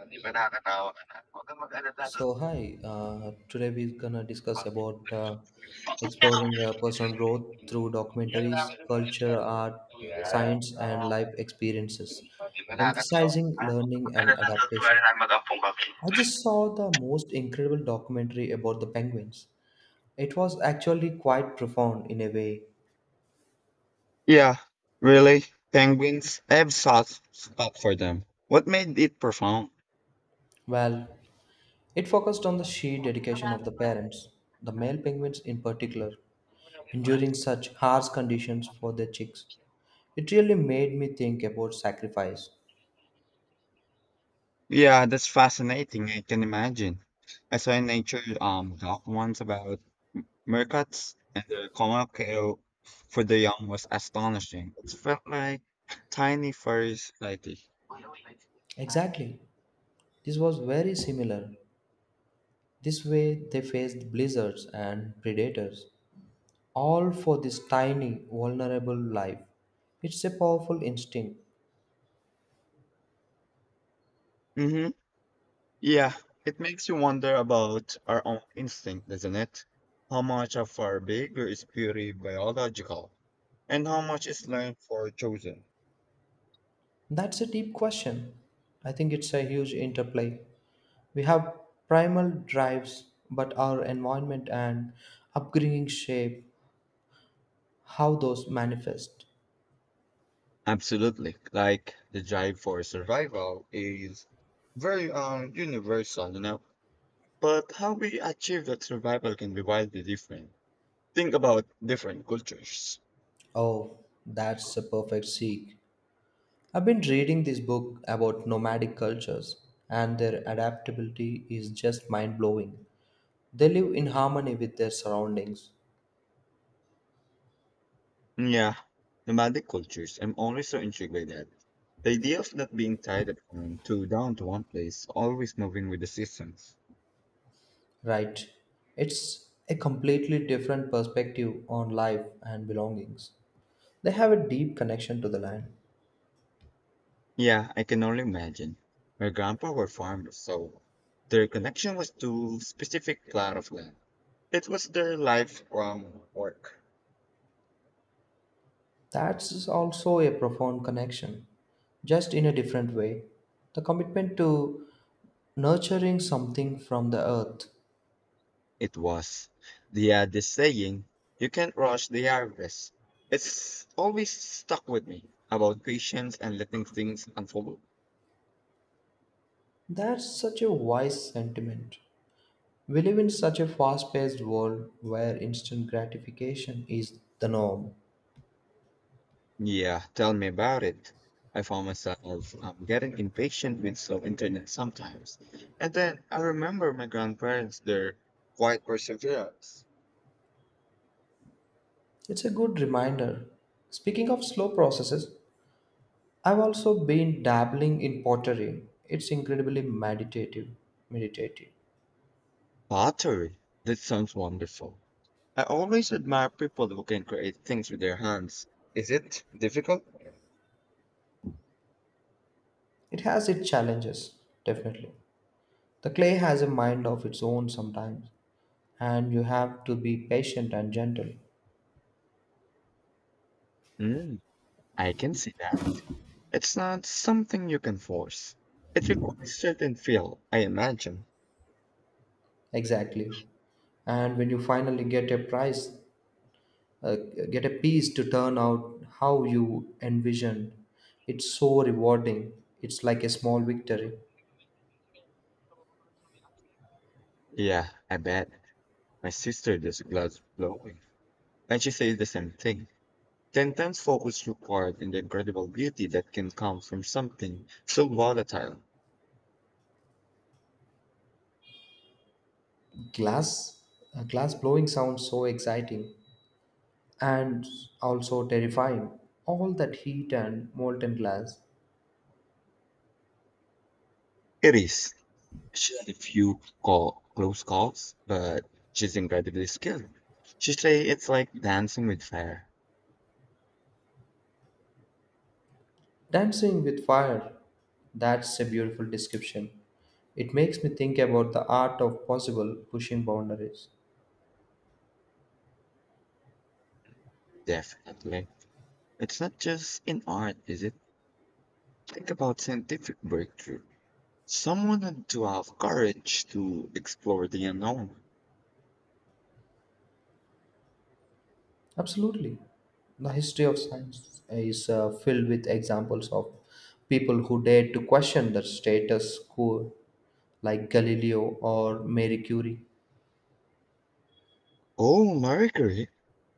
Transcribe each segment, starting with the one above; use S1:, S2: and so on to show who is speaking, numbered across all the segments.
S1: Hindi ba nakakatawa ka na? Huwag kang mag-alala.
S2: So hi, today we're gonna discuss about exploring personal growth through
S1: Yan lang lang
S2: documentaries,
S1: yung mga
S2: culture,
S1: Excel.
S2: art,
S1: Yan.
S2: science, and
S1: Ah,
S2: life experiences,
S1: hindi ba nakakatawa
S2: emphasizing
S1: ka? Huwag kang
S2: learning and
S1: mag-alala. Don't worry,
S2: adaptation.
S1: I kami.
S2: I just saw the most incredible documentary about the penguins. It was actually quite profound in a way.
S1: Yeah, really. Penguins, I have soft spot for them. What made it profound?
S2: Well, it focused on the sheer dedication of the parents, the male penguins in particular, enduring such harsh conditions for their chicks. It really made me think about sacrifice.
S1: Yeah, that's fascinating. I can imagine. I saw a nature doc once about Meerkats and the Comalco for the young was astonishing. It felt like tiny furry society.
S2: Exactly. This was very similar. This way they faced blizzards and predators, all for this tiny, vulnerable life. It's a powerful instinct.
S1: Hmm, yeah, it makes you wonder about our own instinct, doesn't it? How much of our behavior is purely biological, and how much is learned for chosen?
S2: That's a deep question. I think it's a huge interplay. We have primal drives, but our environment and upbringing shape how those manifest.
S1: Absolutely, like the drive for survival is very universal. But how we achieve that survival can be wildly different. Think about different cultures.
S2: Oh, that's a perfect seek. I've been reading this book about nomadic cultures, and their adaptability is just mind blowing. They live in harmony with their surroundings,
S1: Yeah, nomadic cultures. I'm always so intrigued by that. The idea of not being tied at home to down to one place, always moving with the seasons.
S2: right? It's a completely different perspective on life and belongings. They have a deep connection to the land.
S1: Yeah, I can only imagine. My grandpa were farmers, so their connection was to specific plot of land. It was their life from work.
S2: That's also a profound connection, just in a different way. The commitment to nurturing something from the earth.
S1: It was. They had this saying, you can't rush the harvest. It's always stuck with me about patience and letting things unfold.
S2: That's such a wise sentiment. We live in such a fast paced world where instant gratification is the norm.
S1: Yeah, tell me about it. I found myself getting impatient with slow internet sometimes. And then I remember my grandparents, their quiet perseverance.
S2: It's a good reminder. Speaking of slow processes, I've also been dabbling in pottery. It's incredibly meditative. Meditative.
S1: Pottery. That sounds wonderful. I always admire people who can create things with their hands. Is it difficult?
S2: It has its challenges, definitely. The clay has a mind of its own sometimes, and you have to be patient and gentle.
S1: Mm, I can see that. It's not something you can force. It requires certain feel, I imagine.
S2: Exactly. And when you finally get a prize, uh, get a piece to turn out how you envisioned, it's so rewarding. It's like a small victory.
S1: Yeah, I bet. My sister does glass blowing, and she says the same thing. The intense focus required and the incredible beauty that can come from something so volatile.
S2: Glass, glass blowing sounds so exciting and also terrifying. All that heat and molten glass.
S1: It is. She had a few close calls, but she's incredibly skilled. She say it's like dancing with fire.
S2: Dancing with fire. That's a beautiful description. It makes me think about the art of possible pushing boundaries.
S1: Definitely. It's not just in art, is it? Think about scientific breakthrough. Someone had to have courage to explore the unknown.
S2: Absolutely. The history of science is filled with examples of people who dared to question the status quo, like Galileo or Marie Curie.
S1: Oh, Marie Curie!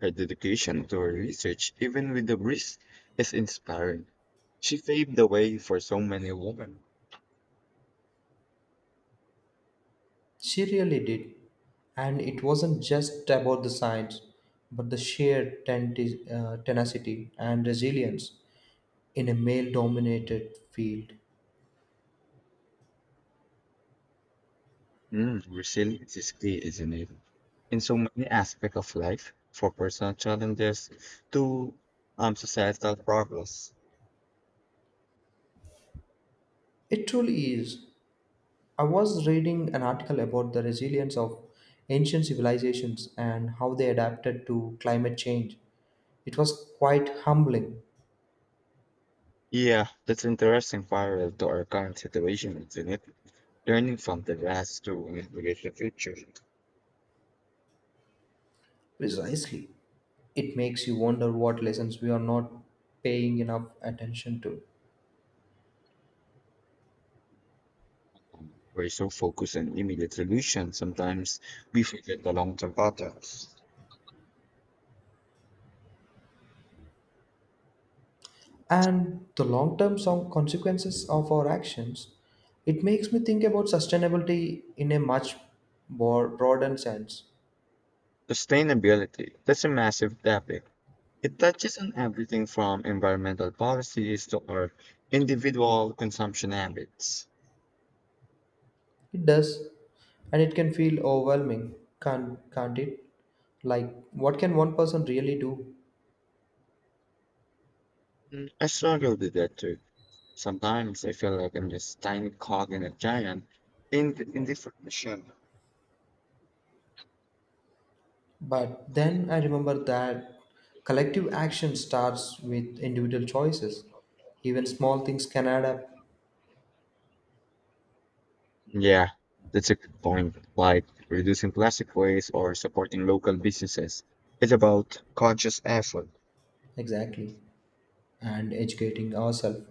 S1: Her dedication to her research, even with the risk, is inspiring. She paved the way for so many women.
S2: She really did. And it wasn't just about the science, but the sheer tenacity and resilience in a male dominated field.
S1: Mm, resilience is key, isn't it? In so many aspects of life, for personal challenges to societal problems.
S2: It truly is. I was reading an article about the resilience of ancient civilizations and how they adapted to climate change. It was quite humbling.
S1: Yeah, that's interesting parallel to our current situation, isn't it? Learning from the past to navigate the future.
S2: Precisely. It makes you wonder what lessons we are not paying enough attention to.
S1: We're so focused on immediate solutions, sometimes we forget the long-term battles.
S2: And the long term consequences of our actions. It makes me think about sustainability in a much more broader sense.
S1: Sustainability. That's a massive topic. It touches on everything from environmental policies to our individual consumption habits.
S2: It does. And it can feel overwhelming, can't it? Like what can one person really do?
S1: I struggle with that too. Sometimes I feel like I'm just a tiny cog in a giant in indifferent machine.
S2: But then I remember that collective action starts with individual choices. Even small things can add up.
S1: Yeah, that's a good point. Like reducing plastic waste or supporting local businesses. It's about conscious effort.
S2: Exactly. And educating ourselves,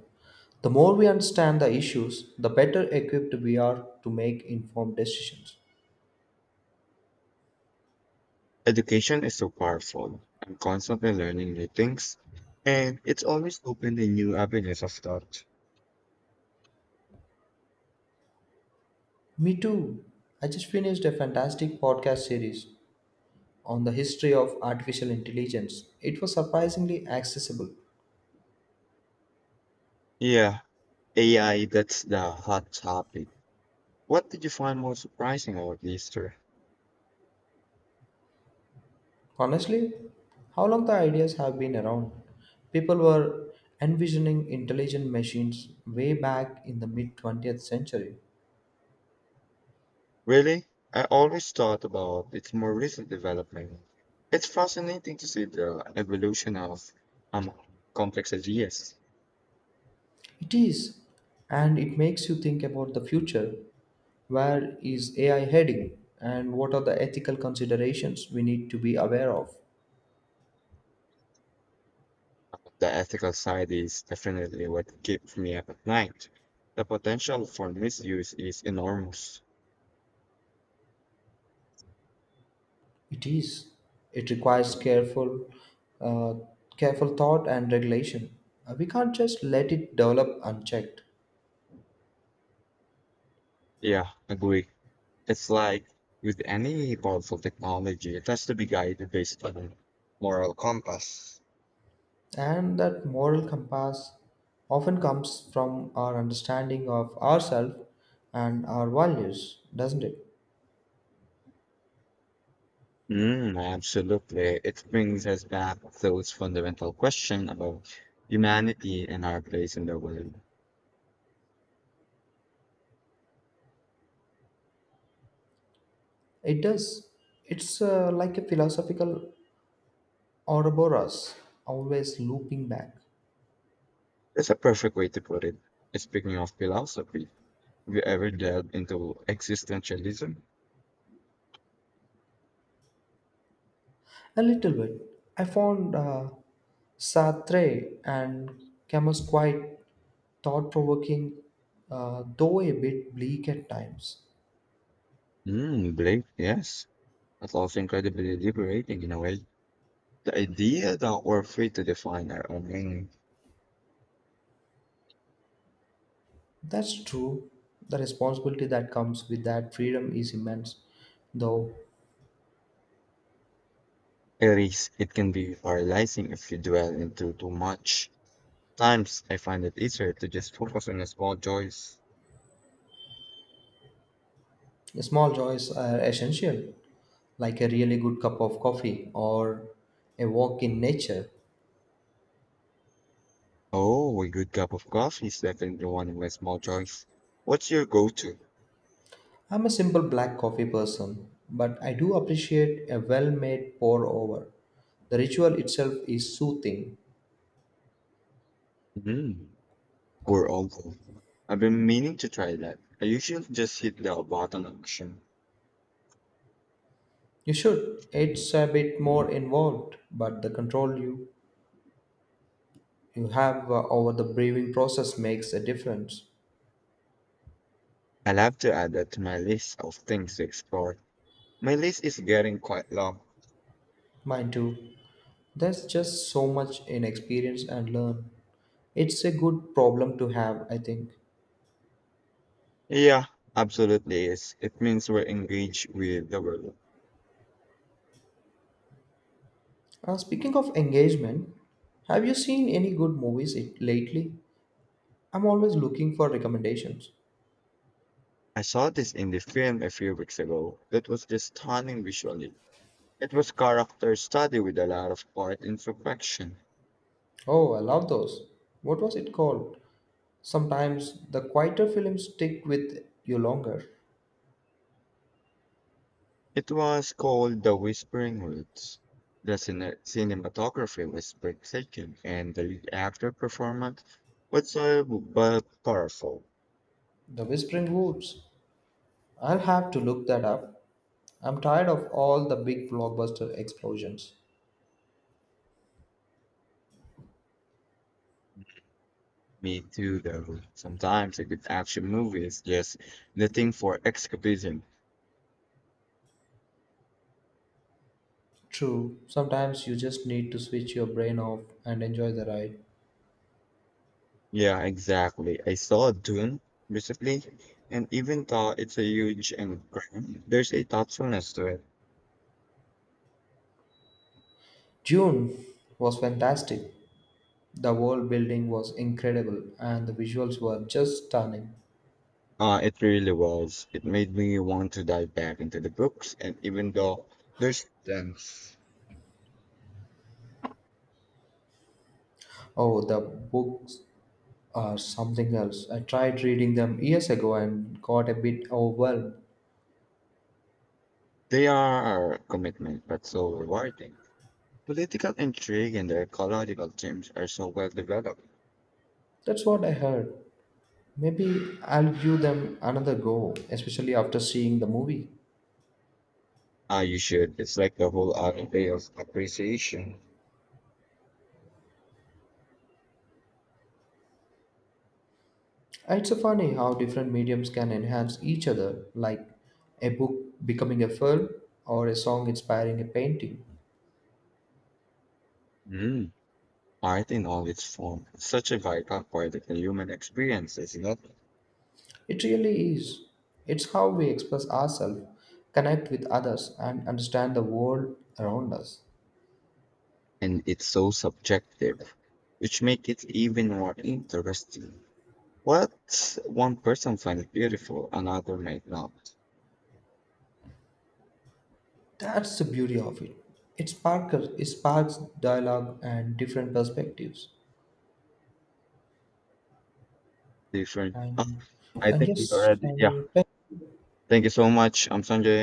S2: the more we understand the issues the better equipped we are to make informed decisions.
S1: Education is so powerful. I'm constantly learning new things, and it's always open to new avenues of thought.
S2: Me too. I just finished a fantastic podcast series on the history of artificial intelligence. It was surprisingly accessible.
S1: Yeah, AI, that's the hot topic. What did you find most surprising about Easter?
S2: Honestly, how long the ideas have been around? People were envisioning intelligent machines way back in the mid 20th century.
S1: Really? I always thought about its more recent development. It's fascinating to see the evolution of um, complex ideas.
S2: It is, and it makes you think about the future. Where is AI heading, and what are the ethical considerations we need to be aware of?
S1: The ethical side is definitely what keeps me up at night. The potential for misuse is enormous.
S2: It is. It requires uh, careful thought and regulation. We can't just let it develop unchecked.
S1: Yeah, agree. It's like with any powerful technology, it has to be guided based on a moral compass.
S2: And that moral compass often comes from our understanding of ourselves and our values, doesn't it?
S1: Mm, absolutely. It brings us back to those fundamental questions about humanity and our place in the world.
S2: It does. It's like a philosophical Ouroboros, always looping back.
S1: That's a perfect way to put it. Speaking of philosophy, have you ever delved into existentialism?
S2: A little bit. I found Sartre and Camus quite thought provoking, though a bit bleak at times.
S1: Mm, Blake, yes. That's also incredibly liberating in a way. The idea that we're free to define our own meaning.
S2: That's true. The responsibility that comes with that freedom is immense, though.
S1: It is. It can be paralyzing if you dwell into too much. Times I find it easier to just focus on the small joys.
S2: Small joys are essential, like a really good cup of coffee or a walk in nature.
S1: Oh, a good cup of coffee is definitely one of my small joys. What's your go-to?
S2: I'm a simple black coffee person, but I do appreciate a well made pour over. The ritual itself is soothing.
S1: Mm, or uncle. I've been meaning to try that. I usually just hit the button action.
S2: You should. It's a bit more involved, but the control you have over the brewing process makes a difference.
S1: I'll have to add that to my list of things to explore. My list is getting quite long.
S2: Mine too. There's just so much in experience and learn. It's a good problem to have, I think.
S1: Yeah, absolutely is. It means we're engaged with the world.
S2: Speaking of engagement, have you seen any good lately? I'm always looking for recommendations.
S1: I saw this in the film a few weeks ago. It was just stunning visually. It was character study with a lot of art imperfection.
S2: Oh, I love those. What was it called? Sometimes the quieter films stick with you longer.
S1: It was called The Whispering Woods. The cinematography was breathtaking, and the lead actor performance was so but powerful.
S2: The Whispering Woods. I'll have to look that up. I'm tired of all the big blockbuster explosions.
S1: Me too, though. Sometimes a good action movie is just the thing for escapism.
S2: True, sometimes you just need to switch your brain off and enjoy the ride.
S1: Yeah, exactly. I saw Dune recently, and even though it's a huge and grand, there's a thoughtfulness to it.
S2: June was fantastic. The whole building was incredible and the visuals were just stunning.
S1: It really was. It made me want to dive back into the books, and even though there's tense,
S2: Oh, the books are something else. I tried reading them years ago and got a bit overwhelmed.
S1: they are a commitment, but so rewarding. Political intrigue and the ecological themes are so well developed.
S2: That's what I heard. Maybe I'll give them another go, especially after seeing the movie.
S1: Ah, you should. It's like the whole other day of appreciation.
S2: It's so funny how different mediums can enhance each other, like a book becoming a film or a song inspiring a painting.
S1: Mm. Art in all its form, such a vital part of the human experience, is it not?
S2: It really is. It's how we express ourselves, connect with others, and understand the world around us.
S1: And it's so subjective, which make it even more interesting. What one person finds beautiful, another might not.
S2: That's the beauty of it. It sparks dialogue and different perspectives.
S1: Different.
S2: And,
S1: I
S2: and
S1: think we
S2: yes,
S1: already. Yeah.
S2: and
S1: Thank you so much. I'm Sanjay.